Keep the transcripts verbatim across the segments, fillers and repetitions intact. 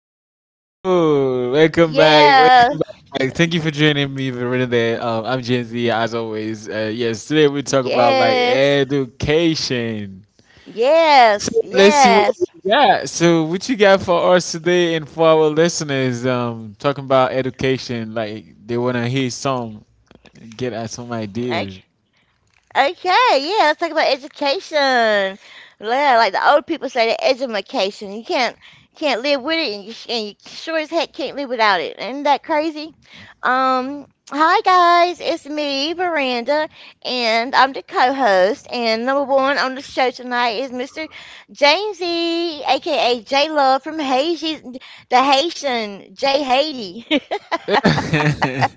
people? cool. Welcome back. Yeah. Welcome back. Thank you for joining me for reading there. Um, I'm Gen Z as always. Uh, yes, today we talk about like Yes. education. Yes. So let's see what Yes. we got. So what you got for us today and for our listeners? Um, talking about education, like they wanna hear some, get at some Like. ideas. Okay, yeah, let's talk about education. Yeah, like the old people say, the education. You can't can't live with it, and you, and you sure as heck can't live without it. Isn't that crazy? Um, hi guys, it's me, Veranda, and I'm the co-host. And number one on the show tonight is Mister Jamesy, aka J Love from Haiti, the Haitian J Haiti. That's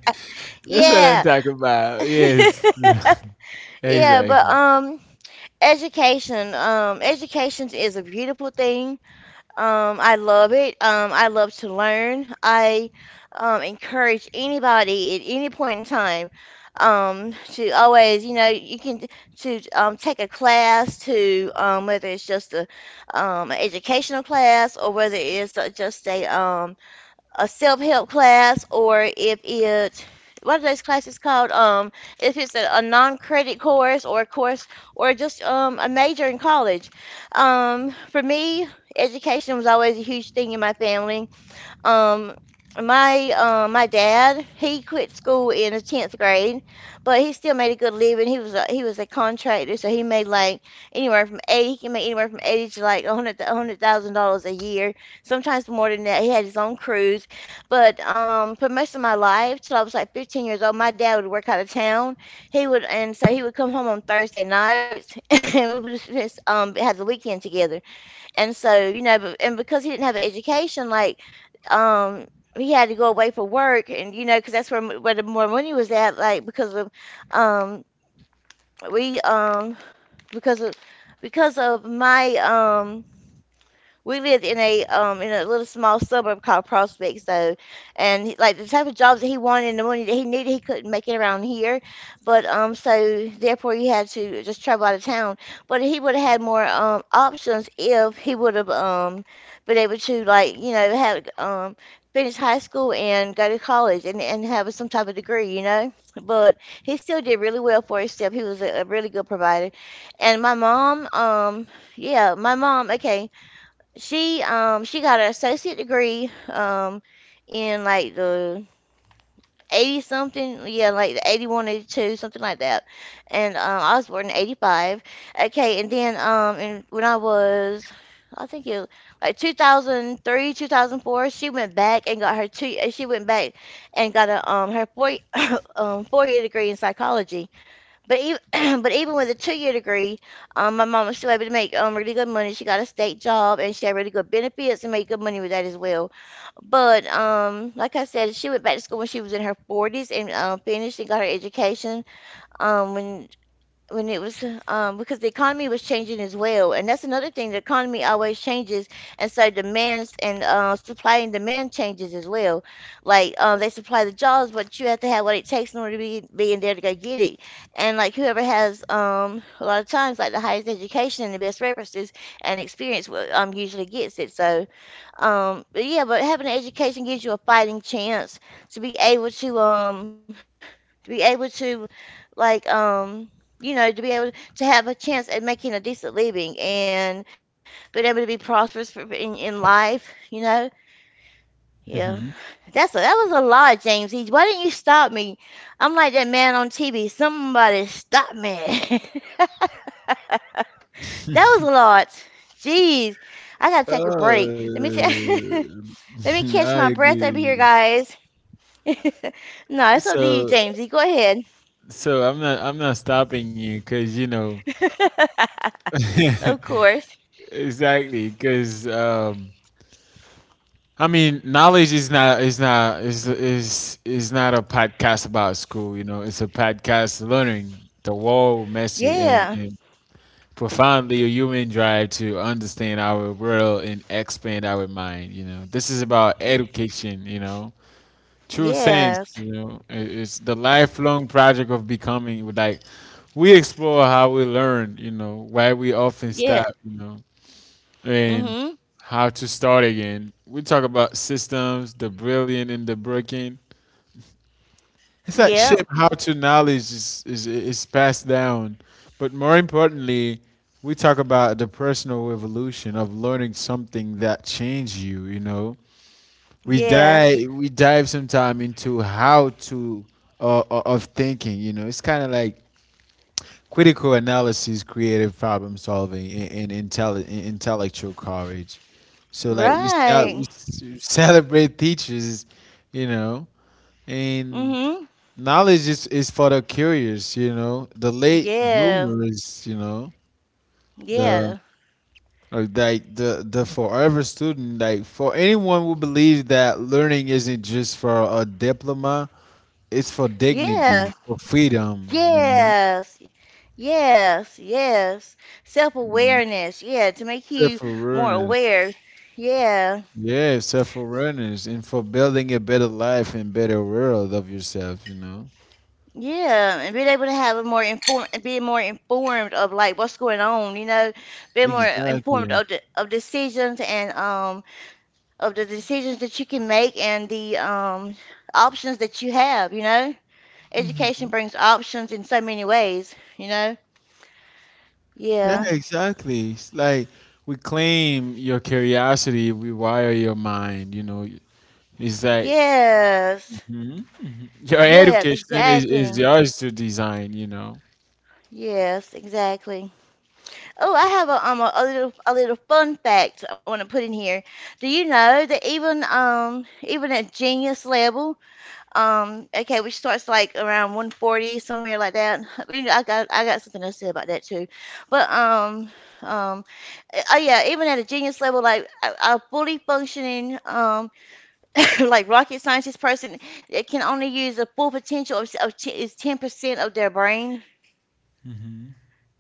what I'm Yeah. talking about. Yes, Yeah, but exactly. um, Education. Um, education is a beautiful thing. Um, I love it. Um, I love to learn. I um, encourage anybody at any point in time um, to always, you know, you can t- to um, take a class, to um, whether it's just a um, an educational class, or whether it's uh, just a um, a self-help class, or if it, what are those classes called, um if it's a, a non-credit course or a course, or just um a major in college. Um for me, education was always a huge thing in my family. Um, my uh, my dad, he quit school in the tenth grade, but he still made a good living. He was a, he was a contractor, so he made like anywhere from eighty. He can make anywhere from eighty to like a hundred a hundred thousand dollars a year, sometimes more than that. He had his own crews, but um, for most of my life, till I was like fifteen years old, my dad would work out of town. He would and so he would come home on Thursday nights, and we would just um have the weekend together. And so, you know, but, and because he didn't have an education, like, um, he had to go away for work. And you know, because that's where m- where the more money was at, like because of, um, we um because of because of my um we lived in a um in a little small suburb called Prospect. So, and he- like the type of jobs that he wanted and the money that he needed, he couldn't make it around here. But um, so therefore he had to just travel out of town. But he would have had more um options if he would have um been able to, like, you know, have um finish high school and go to college and and have some type of degree, you know. But he still did really well for himself. He was a, a really good provider. And my mom, um, yeah, my mom. Okay, she um she got an associate degree um in like the eighty something, yeah, like the eighty one eighty two, something like that. And um, I was born in eighty-five. Okay, and then um and when I was, I think, it like two thousand three, two thousand four, she went back and got her two uh, she went back and got a um her four um four-year degree in psychology. But even but even with a two year degree, um, my mom was still able to make um really good money. She got a state job, and she had really good benefits and made good money with that as well. But um, like I said, she went back to school when she was in her forties and um, finished and got her education um when when it was um, because the economy was changing as well. And that's another thing: the economy always changes, and so demands and uh, supply and demand changes as well. Like uh, they supply the jobs, but you have to have what it takes in order to be, be in there to go get it. And like whoever has um, a lot of times, like, the highest education and the best references and experience will, um, usually gets it. So um, but yeah, but having an education gives you a fighting chance to be able to um, to be able to, like um, you know, to be able to have a chance at making a decent living, and being able to be prosperous for, in, in life, you know? Yeah. Mm-hmm. That's a, that was a lot, James. He, why didn't you stop me? I'm like that man on T V. Somebody stop me. That was a lot. Jeez. I gotta take a break. Let me t- Uh, let me catch I my breath over here, agree. guys. No, it's up to you, So, Jamesy. Go ahead. so I'm not, I'm not stopping you because you know, Of course. exactly. Because um, I mean, knowledge is not, is not, is is is not a podcast about school. You know, it's a podcast learning the whole messy and Yeah. and profoundly a human drive to understand our world and expand our mind. You know, this is about education. You know, true sense, you Yes. know, it- it's the lifelong project of becoming. Like we explore how we learn, you know, why we often stop, Yeah. you know, and Mm-hmm. how to start again. We talk about systems, the brilliant and the broken. It's like shape Yep. how to knowledge is, is is passed down, but more importantly, we talk about the personal evolution of learning something that changed you. You know, we Yes. dive we dive sometime into how to uh, uh, of thinking. You know, it's kind of like critical analysis, creative problem solving, and, and intelli- and intellectual courage. So like we cel- we Right. s- celebrate teachers, you know, and Mm-hmm. knowledge is, is for the curious, you know, the late Yeah. bloomers, you know, the Yeah. or like the the forever student, like for anyone who believes that learning isn't just for a diploma. It's for dignity, Yeah. for freedom, you know. Yes. Yes. Yes. Mhm, Self-awareness. Yeah, to make self you more awareness. aware. Yeah. Yeah, self awareness, and for building a better life and better world of yourself, you know. Yeah, and being able to have a more informed, being more informed of, like, what's going on, you know, being more informed Exactly. of the, of decisions, and um of the decisions that you can make and the um, options that you have, you know? Education Mhm. brings options in so many ways, you know? Yeah, Yeah. exactly. It's like we claim your curiosity, we wire your mind, you know. It's like Yes. mhm, mhm. Your Yes, education is, is exactly. yours to design, you know. Yes, exactly. Oh, I have a um a, a little a little fun fact I want to put in here. Do you know that even um even at genius level, Um, okay, which starts like around one forty, somewhere like that. You know, I got I got something to say about that too. But um, um, eh, oh yeah, even at a genius level, like a, a fully functioning um, like rocket scientist person, it can only use the full potential of, of t- is ten percent of their brain. Hmm.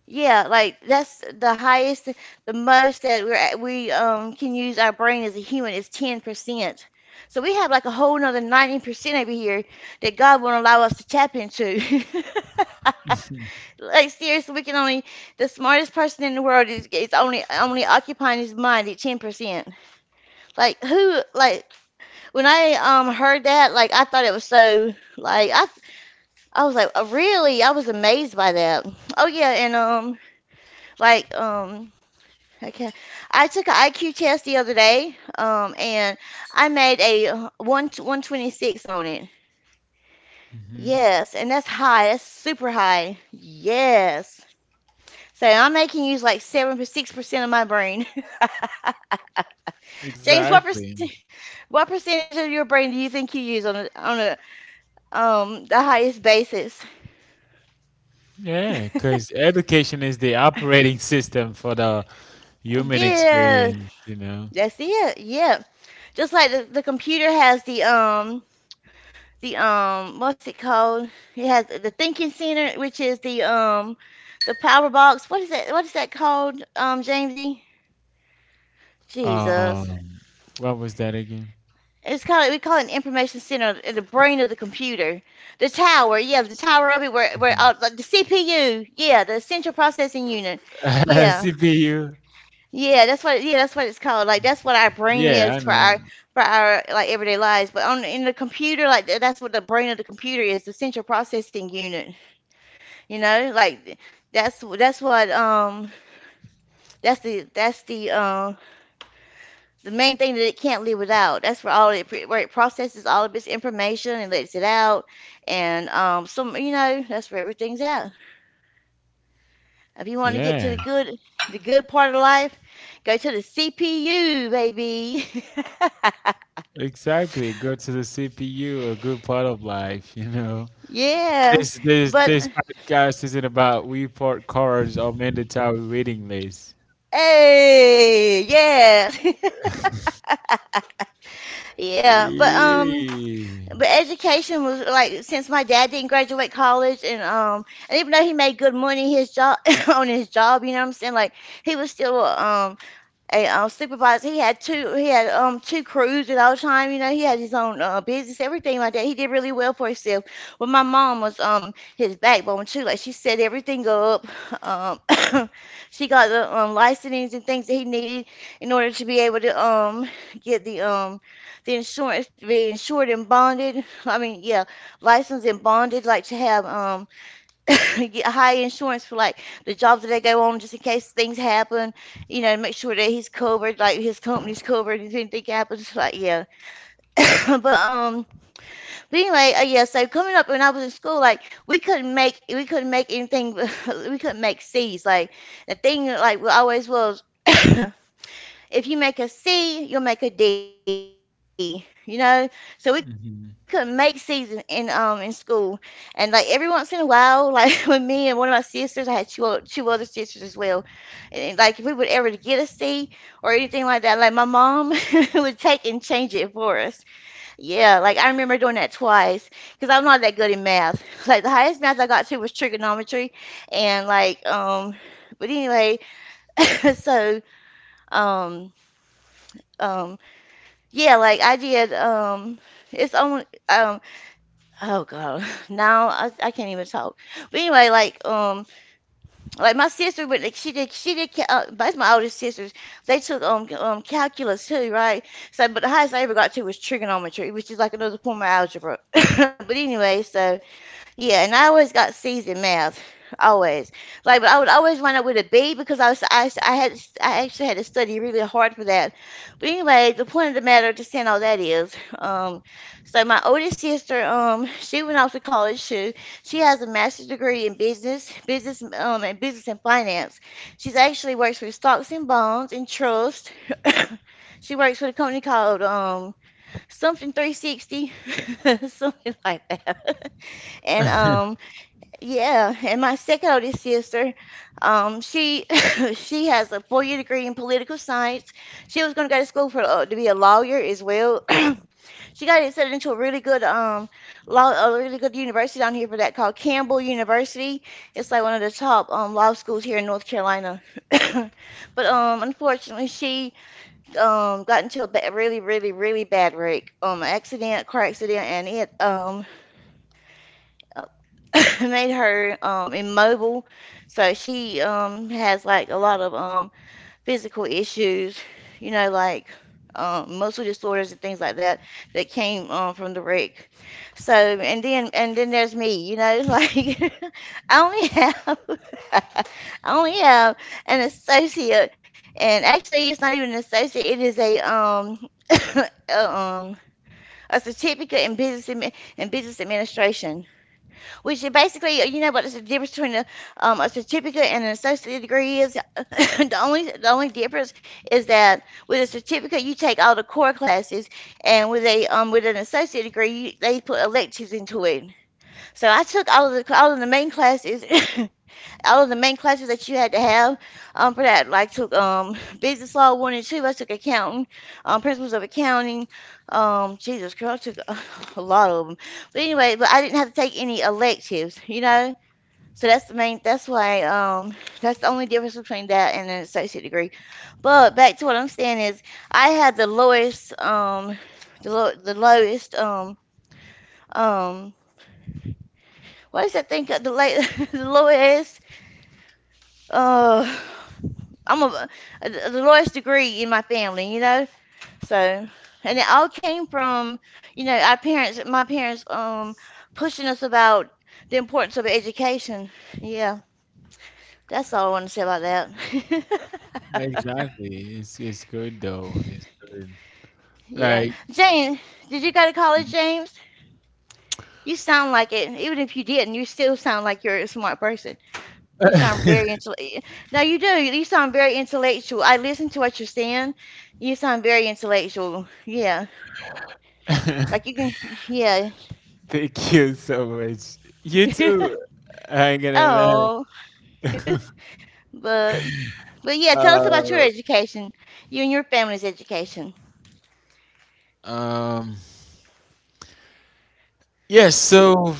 Yeah, like that's the highest, the most that we're at, we um can use our brain as a human, is ten percent. So we have like a whole nother ninety percent over here that God won't allow us to tap into. Like, seriously, we can only the smartest person in the world is is only only occupying his mind at ten percent. Like, who, like, when I um heard that, like, I thought it was so, like, I I was like, "Oh, really?" I was amazed by that. Oh yeah, and um like um okay, I took an I Q test the other day, um, and I made a uh, one 126 on it. Hmm. Yes, and that's high. That's super high. Yes. So I'm making use, like, seven six percent of my brain. James, what Exactly. percent what percentage of your brain do you think you use on a, on a um the highest basis? Yeah, because education is the operating system for the human Yeah, experience, you know. that's it. Yeah, just like the, the computer has the um the um what's it called? It has the thinking center, which is the um the power box. What is that? What is that called? Um, Jamesy? Jesus. Um, what was that again? It's called, we call it an information center, the brain of the computer, the tower. Yeah, the tower of it, where where Mhm. uh, like, the C P U. Yeah, the central processing unit. Yeah, C P U. yeah, that's what yeah that's what it's called. Like, that's what our brain Yeah, is I for know. our for our like everyday lives. But, on in the computer, like th- that's what the brain of the computer is, the central processing unit. You know, like, that's that's what um that's the that's the um the main thing that it can't live without. That's where all it pre- where it processes all of its information and lets it out, and um some, you know, that's where everything's at. If you want to get to the Yeah, good the good part of life, go to the C P U, baby. exactly. Go to the C P U, a good part of life, you know. Yeah, This this but this podcast isn't about report cards or mandatory reading lists. hey, yeah, yeah, but um, Yeah. but education was, like, since my dad didn't graduate college, and um and even though he made good money his job on his job, you know what I'm saying? Like, he was still um, a um, supervisor. He had two. He had um two crews at all time. You know, he had his own uh, business, everything like that. He did really well for himself. But my mom was um his backbone too. Like, she set everything up. Um, she got the um licensings and things that he needed in order to be able to um get the um the insurance to be insured and bonded. I mean, yeah, licensed and bonded. Like, to have um get high insurance for, like, the jobs that they go on, just in case things happen, you know, make sure that he's covered, like, his company's covered if anything happens. Like, yeah. but um but anyway, uh, yeah, so coming up when I was in school, like, we couldn't make we couldn't make anything. We couldn't make C's. Like, the thing, like, we always was, if you make a C, you'll make a D. You know, so we couldn't make C's in, in um Mhm. in school, and like every once in a while, like with me and one of my sisters, I had two o- two other sisters as well, and like if we would ever to get a C or anything like that, like my mom would take and change it for us. Yeah, like I remember doing that twice because I'm not that good in math. Like the highest math I got to was trigonometry, and like um, but anyway, so um um yeah, like I did. Um, it's only um. Oh God, now I, I can't even talk. But anyway, like um, like my sister, but like she did she did. ca- Uh, that's my oldest sisters. They took um c- um calculus too, right? So, but the highest I ever got to was trigonometry, which is like another form of algebra. But anyway, so yeah, and I always got C's in math, always. Like, but I would always run up with a B because I was I I had I actually had to study really hard for that. But anyway, the point of the matter, just saying all that is, um, so my oldest sister, um, she went off to college too. She has a master's degree in business, business, um, and business and finance. She's actually works for stocks and bonds and trust. She works for a company called um something three sixty, something like that. And um, yeah, and my second oldest sister, um, she she has a four-year degree in political science. She was going to go to school for uh, to be a lawyer as well. She got accepted into a really good um law a really good university down here for that called Campbell University. It's like one of the top um law schools here in North Carolina. But um unfortunately she um got into a ba- really really really bad wreck, um accident, car accident, and it um uh, made her um immobile, so she um has like a lot of um physical issues, you know like um muscle disorders and things like that that came um from the wreck. So and then and then there's me, you know like I only have I only have an associate, and actually it's not even an associate, it is a um a, um a certificate in business admi- in business administration, which is basically, you know what is the difference between a, um, a certificate and an associate degree is? the only the only difference is that with a certificate you take all the core classes, and with a um, with an associate degree, you, they put electives into it. So I took all of the all of the main classes, and all of the main classes that you had to have um, for that. Like took um, business law one and two. I took accounting, um, principles of accounting. Um, Jesus Christ, I took a, a lot of them. But anyway, but I didn't have to take any electives, you know. So that's the main. That's why. Um, that's the only difference between that and an associate degree. But back to what I'm saying is, I had the lowest. Um, the low, the lowest. Um, um, what is that thing? The late, the lowest. Uh, I'm a, a the lowest degree in my family, you know. So, and it all came from, you know, our parents, my parents, um, pushing us about the importance of education. Yeah, that's all I want to say about that. Exactly. It's it's good though. It's good. Yeah, Like James, did you go to college, James? You sound like it. Even if you didn't, you still sound like you're a smart person. You sound very intellectual. No, you do. You sound very intellectual. I listen to what you're saying. You sound very intellectual. Yeah. Like you can, yeah. thank you so much. You too. I'm gonna learn. Oh, but but yeah. Tell us about your Uh, education, you and your family's education, um, yes. So,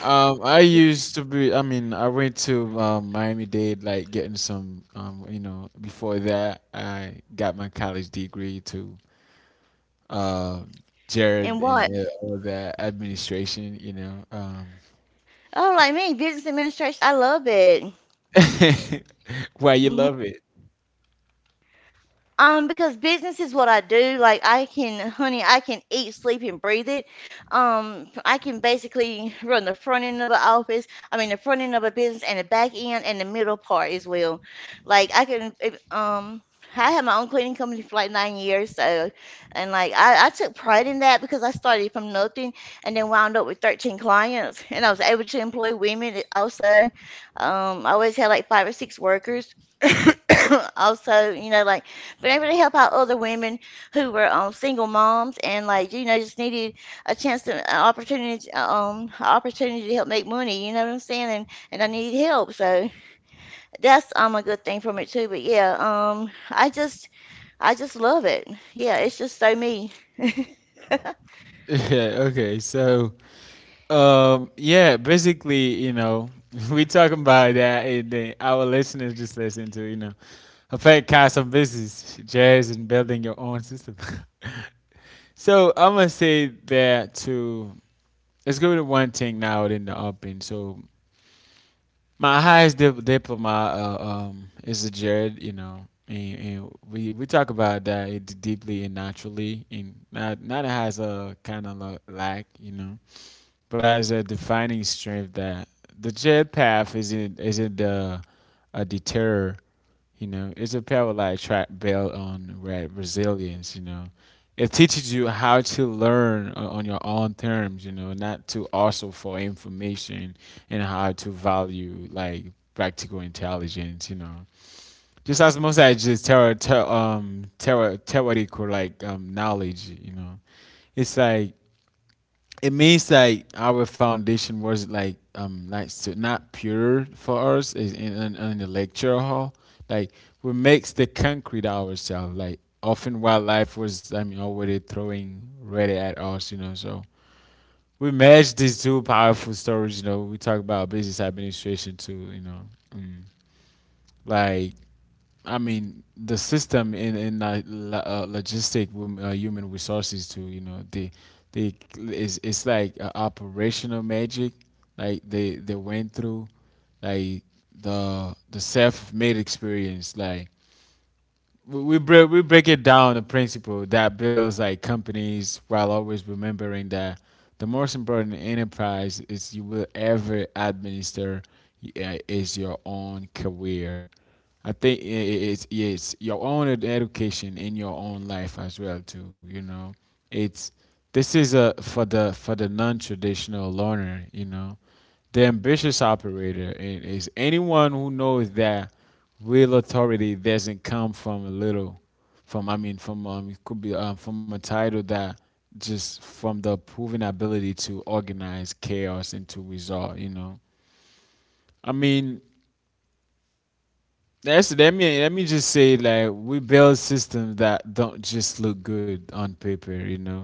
um, I used to be. I mean, I went to um, Miami Dade, like getting some. Um, you know, before that, I got my college degree to uh, Jared and and what? uh, all that administration. You know, um, Oh, like me, business administration. I love it. why you Mm-hmm. love it? Um, because business is what I do. Like I can, honey, I can eat, sleep, and breathe it. Um, I can basically run the front end of an office. I mean, the front end of a business and the back end and the middle part as well. Like I can, if, um, I had my own cleaning company for like nine years, so, and like I, I took pride in that because I started from nothing and then wound up with thirteen clients, and I was able to employ women also. Um, I always had like five or six workers. Also, you know, like been able to help out other women who were um single moms and like, you know just needed a chance to an opportunity um opportunity to help make money, you know what I'm saying, and and I needed help, so that's um a good thing from it too, but yeah, um i just i just love it. Yeah, it's just so me. Yeah. Okay. So, Um, yeah, basically, you know, we talking about that, and then our listeners just listen to, you know, a podcast on business, jazz, and building your own system. So I'm gonna say that to let's go to one thing now in the open. So my highest di- diploma uh, um is a Jared, you know, and, and we we talk about that it deeply and naturally, and not not as a kind of like, you know, but as a defining strength that the jet path isn't isn't uh, a deterrent. You know, it's a power like track belt on re- resilience. You know, it teaches you how to learn o- on your own terms. You know, not to also for information and how to value like practical intelligence. You know, just as much as just terror, ter- um, terror, theoretical like um knowledge. You know, it's like it means like our foundation was like um like so not pure for us is in, in, in the lecture hall. Like we makes the concrete ourselves, like often wildlife was, I mean, already throwing ready at us, you know. So we match these two powerful stories. You know, we talk about business administration too, you know. Mm. Like I mean, the system in in uh, lo- uh, logistic wom- uh, human resources too. You know, they they it's it's like uh, operational magic. Like they they went through, like the the self made experience. Like we we break we break it down, the principle that builds like companies, while always remembering that the most important enterprise is you will ever administer, uh, is your own career. I think i- i- it's it's your own ed- education in your own life as well too. You know, it's this is a for the for the non-traditional learner. You know, the ambitious operator, and is anyone who knows that real authority doesn't come from a little, from, I mean, from um it could be um, from a title, that just from the proven ability to organize chaos into result. You know, I mean, that's, let me let me just say like we build systems that don't just look good on paper, you know,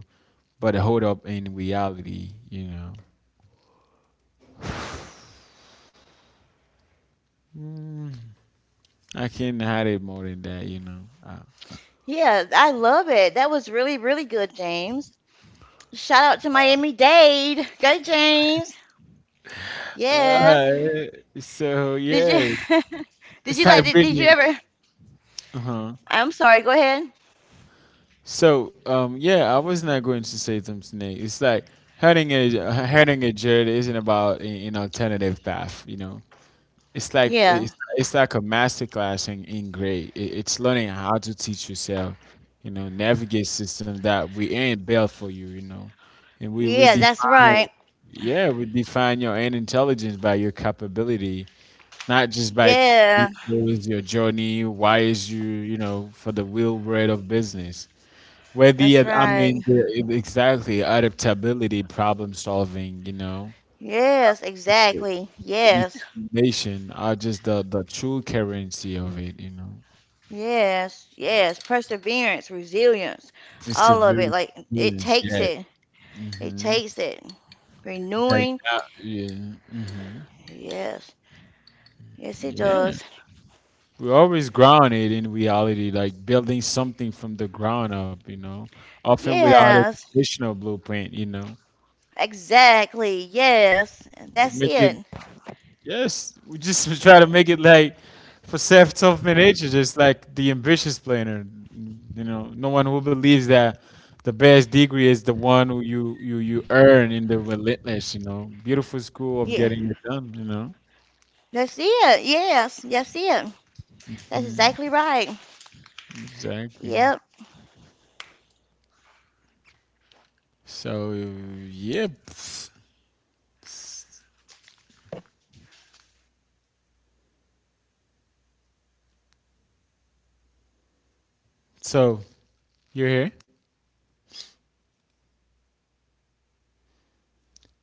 but hold up in reality, you know. I can't hide it more than that, you know. I Yeah, I love it. That was really really good, James. Shout out to Miami Dade. Go, James. Yes, Uh, so did you yeah, did it's you like like did, did you really. ever. Uh-huh. I'm sorry, go ahead. So um, yeah, I was not going to say something else. It's like hurting a hurting a journey isn't about a- an alternative path. You know, it's like it's Yeah, it's like a master class in in grade. It, it's learning how to teach yourself. You know, navigate system that we ain't built for you. You know, and we we yeah, that's define right. yeah we define your own intelligence by your capability, not just by Yeah, credentials. Your journey, why is you, you know, for the real bread of business. Where the, that's ad- I right. mean, the, exactly, adaptability, problem solving, you know, Yes, exactly. Yes, determination are just the, the true currency of it, you know. yes, yes. Perseverance, resilience, It's a all of it. very Like it experience, takes yeah. it. It Mm-hmm. takes it. Renewing. Yeah. Hmm. Yes, yes, it Yeah. does. We're always grounded in reality, like building something from the ground up, you know, often without a Yes, traditional blueprint, you know. exactly. Yes, that's Make it it. yes. We just try to make it like for Seth Tough Nature, just like the ambitious planner. You know, no one who believes that the best degree is the one who you you you earn in the relentless. You know, beautiful school of Yeah, getting it done. You know, that's it. Yes, that's it. That's exactly right. exactly. Yep. So yeah. Pff, s- So you're here,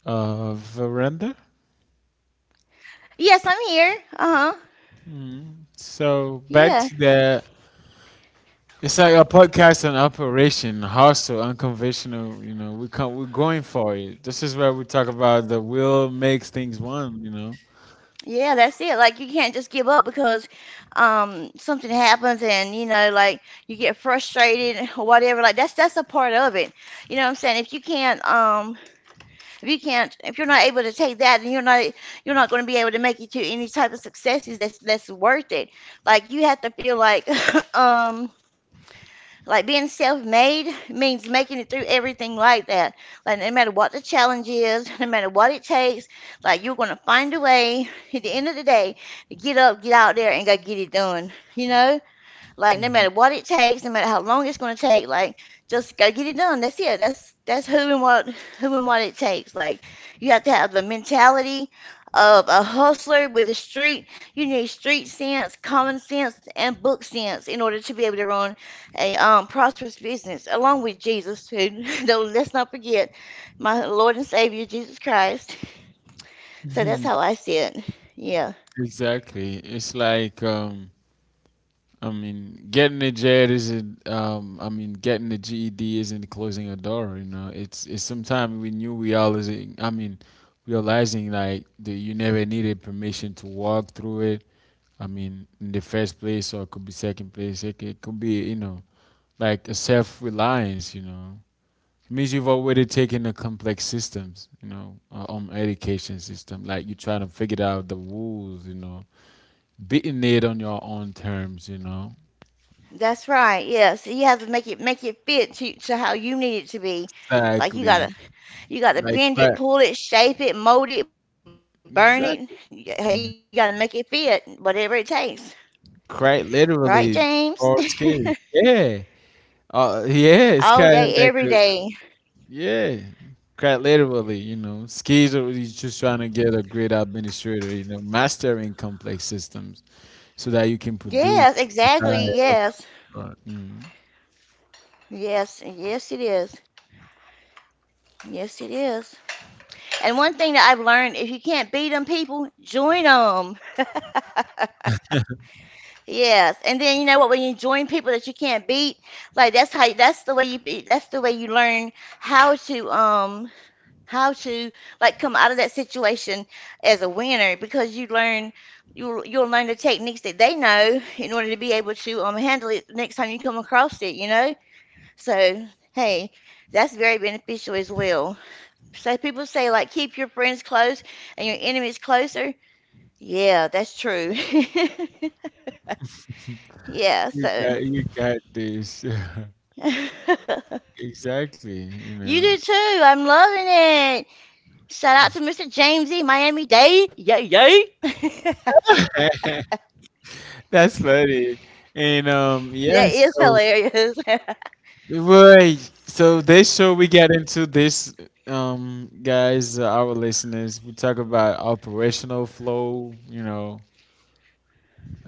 uh, veranda. Yes, I'm here. Uh-huh. Mm. So back Yeah. to that. It's like a podcast on operation, hostile, unconventional. You know, we come, we're going for it. This is where we talk about the will makes things one. You know, Yeah, that's it. Like you can't just give up because um something happens and, you know like, you get frustrated or whatever. Like that's that's a part of it. You know what I'm saying? If you can't um if you can't if you're not able to take that, then you're not you're not going to be able to make it to any type of successes that's that's worth it. Like you have to feel like um like being self-made means making it through everything like that. Like no matter what the challenge is, no matter what it takes, like you're gonna find a way at the end of the day to get up, get out there, and go get it done. You know? Like no mhm. matter what it takes, no matter how long it's gonna take, like just gotta get it done. That's it. That's that's who and what who and what it takes. Like you have to have the mentality of a hustler with a street. You need street sense, common sense, and book sense in order to be able to run a um, prosperous business, along with Jesus, who, though, let's not forget, my Lord and Savior Jesus Christ. So that's how I see it. Yeah. Exactly. It's like, um, I mean, getting a jet isn't. Um, I mean, getting the G E D isn't closing a door. You know, it's it's sometimes we knew we all is. I mean, realizing like that you never needed permission to walk through it. I mean, in the first place, or it could be second place. It, c- it could be, you know, like a self-reliance, you know, it means you've already taken the complex systems, you know, uh, um education system, like you're trying to figure out the rules, you know, beating it on your own terms, you know. That's right. Yes, you have to make it make it fit to, to how you need it to be. Like you Exactly. gotta you gotta Like bend it, right, pull it, shape it, mold it, burn it. Y- You gotta exactly, make it fit, whatever it takes. Right, quite James? literally, all skills, yeah. All uh day, yeah, every it's kind day. of like a, yeah, quite literally, you know. Skills are, you're just trying to get a great administrator, you know, mastering complex systems so that you Yes, can produce exactly. right, Yes, God. Mm. yes, yes, it is. Yes, it is. And one thing that I've learned, if you can't beat them, people, join them. Yes, and then you know what? When you join people that you can't beat, like that's how that's the way you be- that's the way you learn how to um how to like come out of that situation as a winner, because you learn you'll you'll learn the techniques that they know in order to be able to um handle it next time you come across it, you know? So, hey, that's very beneficial as well. So people say, like, keep your friends close and your enemies closer. Yeah, that's true. Yeah, You got so. you got this. You Exactly, do you too. know. I'm loving it. Shout out to Mister James E. Miami Dade. Yay, yay. That That's funny. And um yes, is so hilarious. right. So this show we get into this um guys, uh, our listeners, we talk about operational flow, you know,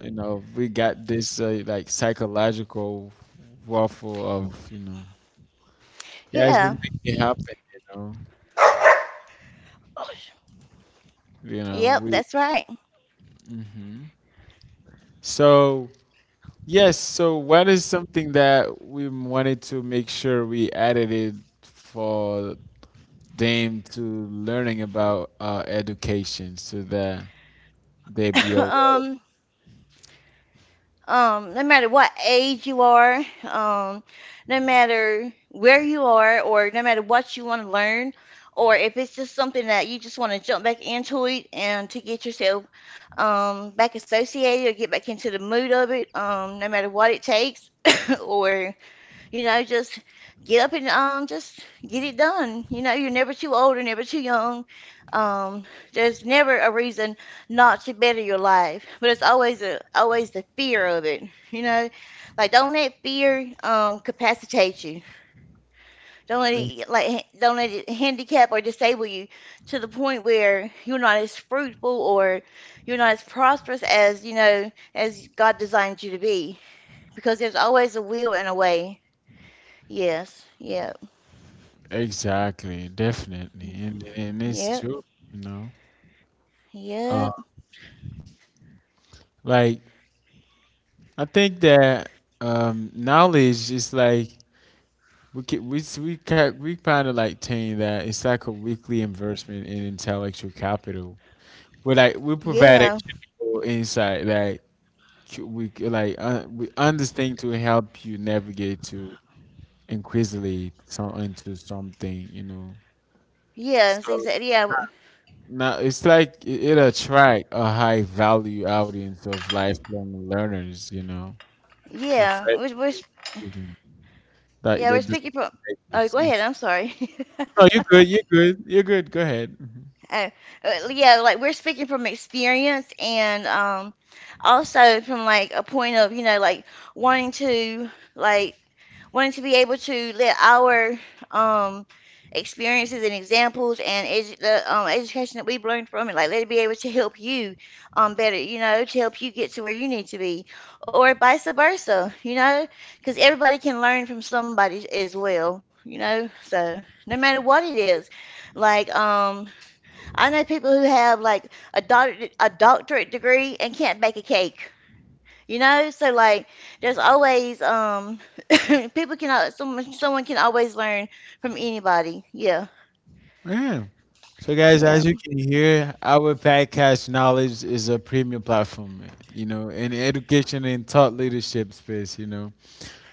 you know, we got this uh, like psychological waffle of, you know, guys we Yeah. make it happen, you know. You know, Yep, we that's right. mhm. So yes, so what is something that we wanted to make sure we added it for them to learning about uh, education so that they be aware? um, um, no matter what age you are, um, no matter where you are, or no matter what you want to learn, or if it's just something that you just want to jump back into it and to get yourself um, back associated or get back into the mood of it, um, no matter what it takes, or, you know, just get up and, um, just get it done. You know, you're never too old or never too young. Um, there's never a reason not to better your life, but it's always a always the fear of it. You know, like, don't let fear um capacitate you. Don't let it like ha- don't let it handicap or disable you to the point where you're not as fruitful or you're not as prosperous as, you know, as God designed you to be. Because there's always a will and a way. Yes, yeah. Exactly, definitely. And, and it's Yep, true, you know. Uh, yep, like I think that um, knowledge is like we ca we s- we ca we kind of like saying that it's like a weekly investment in intellectual capital. We like we provide yeah, actionable insight that c- we c- like uh, we understand to help you navigate to increasingly some into something, you know. yeah, it's So exact yeah, w- now it's like it, it attract a high value audience of lifelong learners, you know, yeah. professionals We're, we're, s- even, like yeah, the, we're speaking from. Oh, go the ahead. I'm sorry. no you're good you're good you're good go ahead. Mhm. Oh, uh, yeah, like, we're speaking from experience and um also from like a point of, you know, like wanting to like wanting to be able to let our um experiences and examples and edu the um, education that we've learned from it, like, let it be able to help you um better, you know, to help you get to where you need to be, or vice versa, you know, because everybody can learn from somebody as well, you know, so no matter what it is, like, um I know people who have like a doctor a doctorate degree and can't bake a cake. You know, so, like, there's always um people can al- someone someone can always learn from anybody. Yeah, Yeah so, guys, yeah, as you can hear, our podcast knowledge is a premium platform, you know, in education and thought leadership space, you know.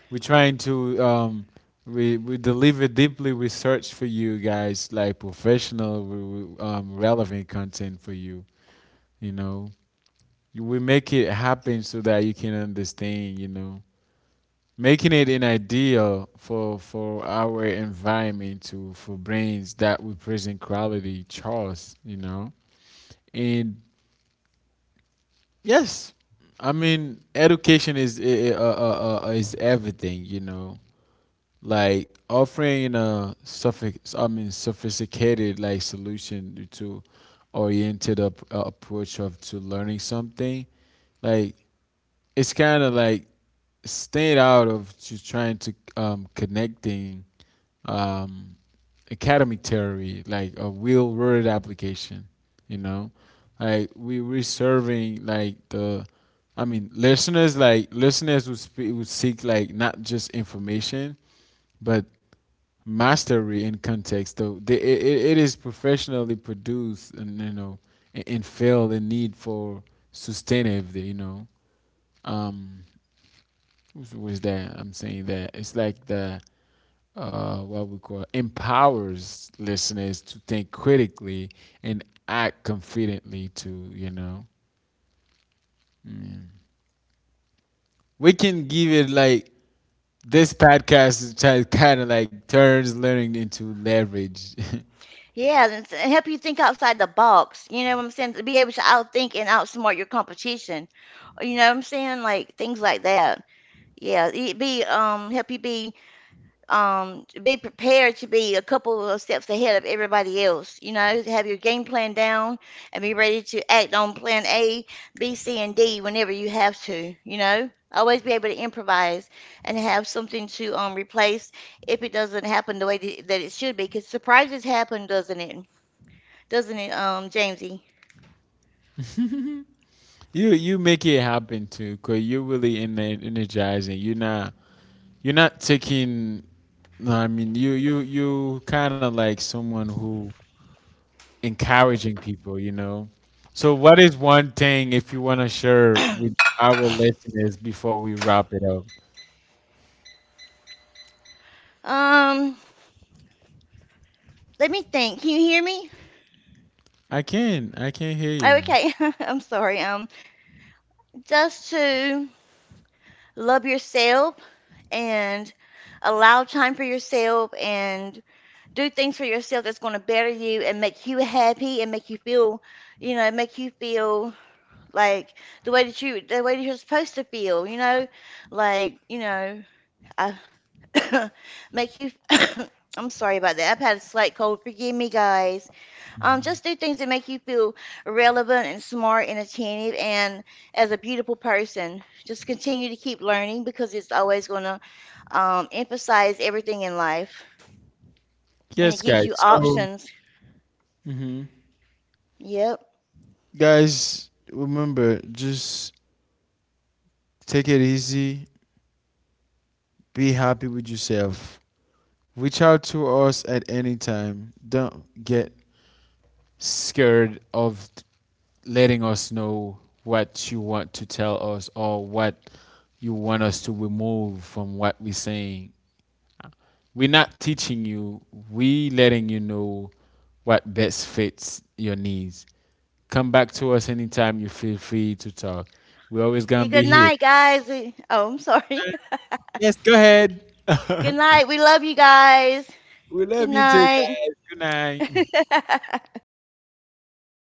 We're trying to um we we deliver deeply research for you guys, like professional, we- um, relevant content for you. You know, we make it happen so that you can understand. You know, making it an ideal for for our environment to for brains that represent quality, Charles. You know, and yes, I mean education is i- uh, uh, uh, is everything. You know, like offering a suffix, I mean, sophisticated like solution to oriented up, uh, approach of to learning something. Like it's kind of like staying out of just trying to um, connecting um, academic theory like a real world application, you know, like we we're serving like the, I mean, listeners like listeners would, spe- would seek like not just information but mastery in context though the, it, it it is professionally produced, and you know, and, and fill the need for sustainability, you know. Um was, was that I'm saying that it's like the uh what we call empowers listeners to think critically and act confidently to, you know. Mm. We can give it like this podcast is kind of like turns learning into leverage. yeah, and, s- and help you think outside the box. You know what I'm saying? To be able to outthink and outsmart your competition. You know what I'm saying? Like things like that. Yeah, it be um help you be, um, to be prepared to be a couple of steps ahead of everybody else. You know, have your game plan down and be ready to act on plan A, B, C, and D whenever you have to. You know, always be able to improvise and have something to um replace if it doesn't happen the way that that it should be. Because surprises happen, doesn't it? Doesn't it, um, Jamesy? You you make it happen too, cause you're really in energizing. You're not you're not taking. No, I mean you you you kind of like someone who encouraging people, you know. So what is one thing if you want to share with our listeners before we wrap it up? Um, let me think. Can you hear me? I can I can hear you. Okay, I'm sorry. Um, just to love yourself and allow time for yourself and do things for yourself that's going to better you and make you happy and make you feel, you know make you feel like the way that you the way that you're supposed to feel you know like you know I make you I'm sorry about that. I've had a slight cold. Forgive me, guys. Um, Mhm. just do things that make you feel relevant and smart and attentive and as a beautiful person. Just continue to keep learning because it's always going to um, emphasize everything in life and Yes, it gives you guys. So, options. mhm. Yep. Guys, remember just take it easy. Be happy with yourself. Reach out to us at any time. Don't get scared of letting us know what you want to tell us or what you want us to remove from what we're saying. We're not teaching you, we are letting you know what best fits your needs. Come back to us anytime you feel free to talk. We're always going You to good be here. night, guys. We- Oh, I'm sorry. Yes, go ahead. Good night. We love you guys. We Good love you too, night. guys. Good night.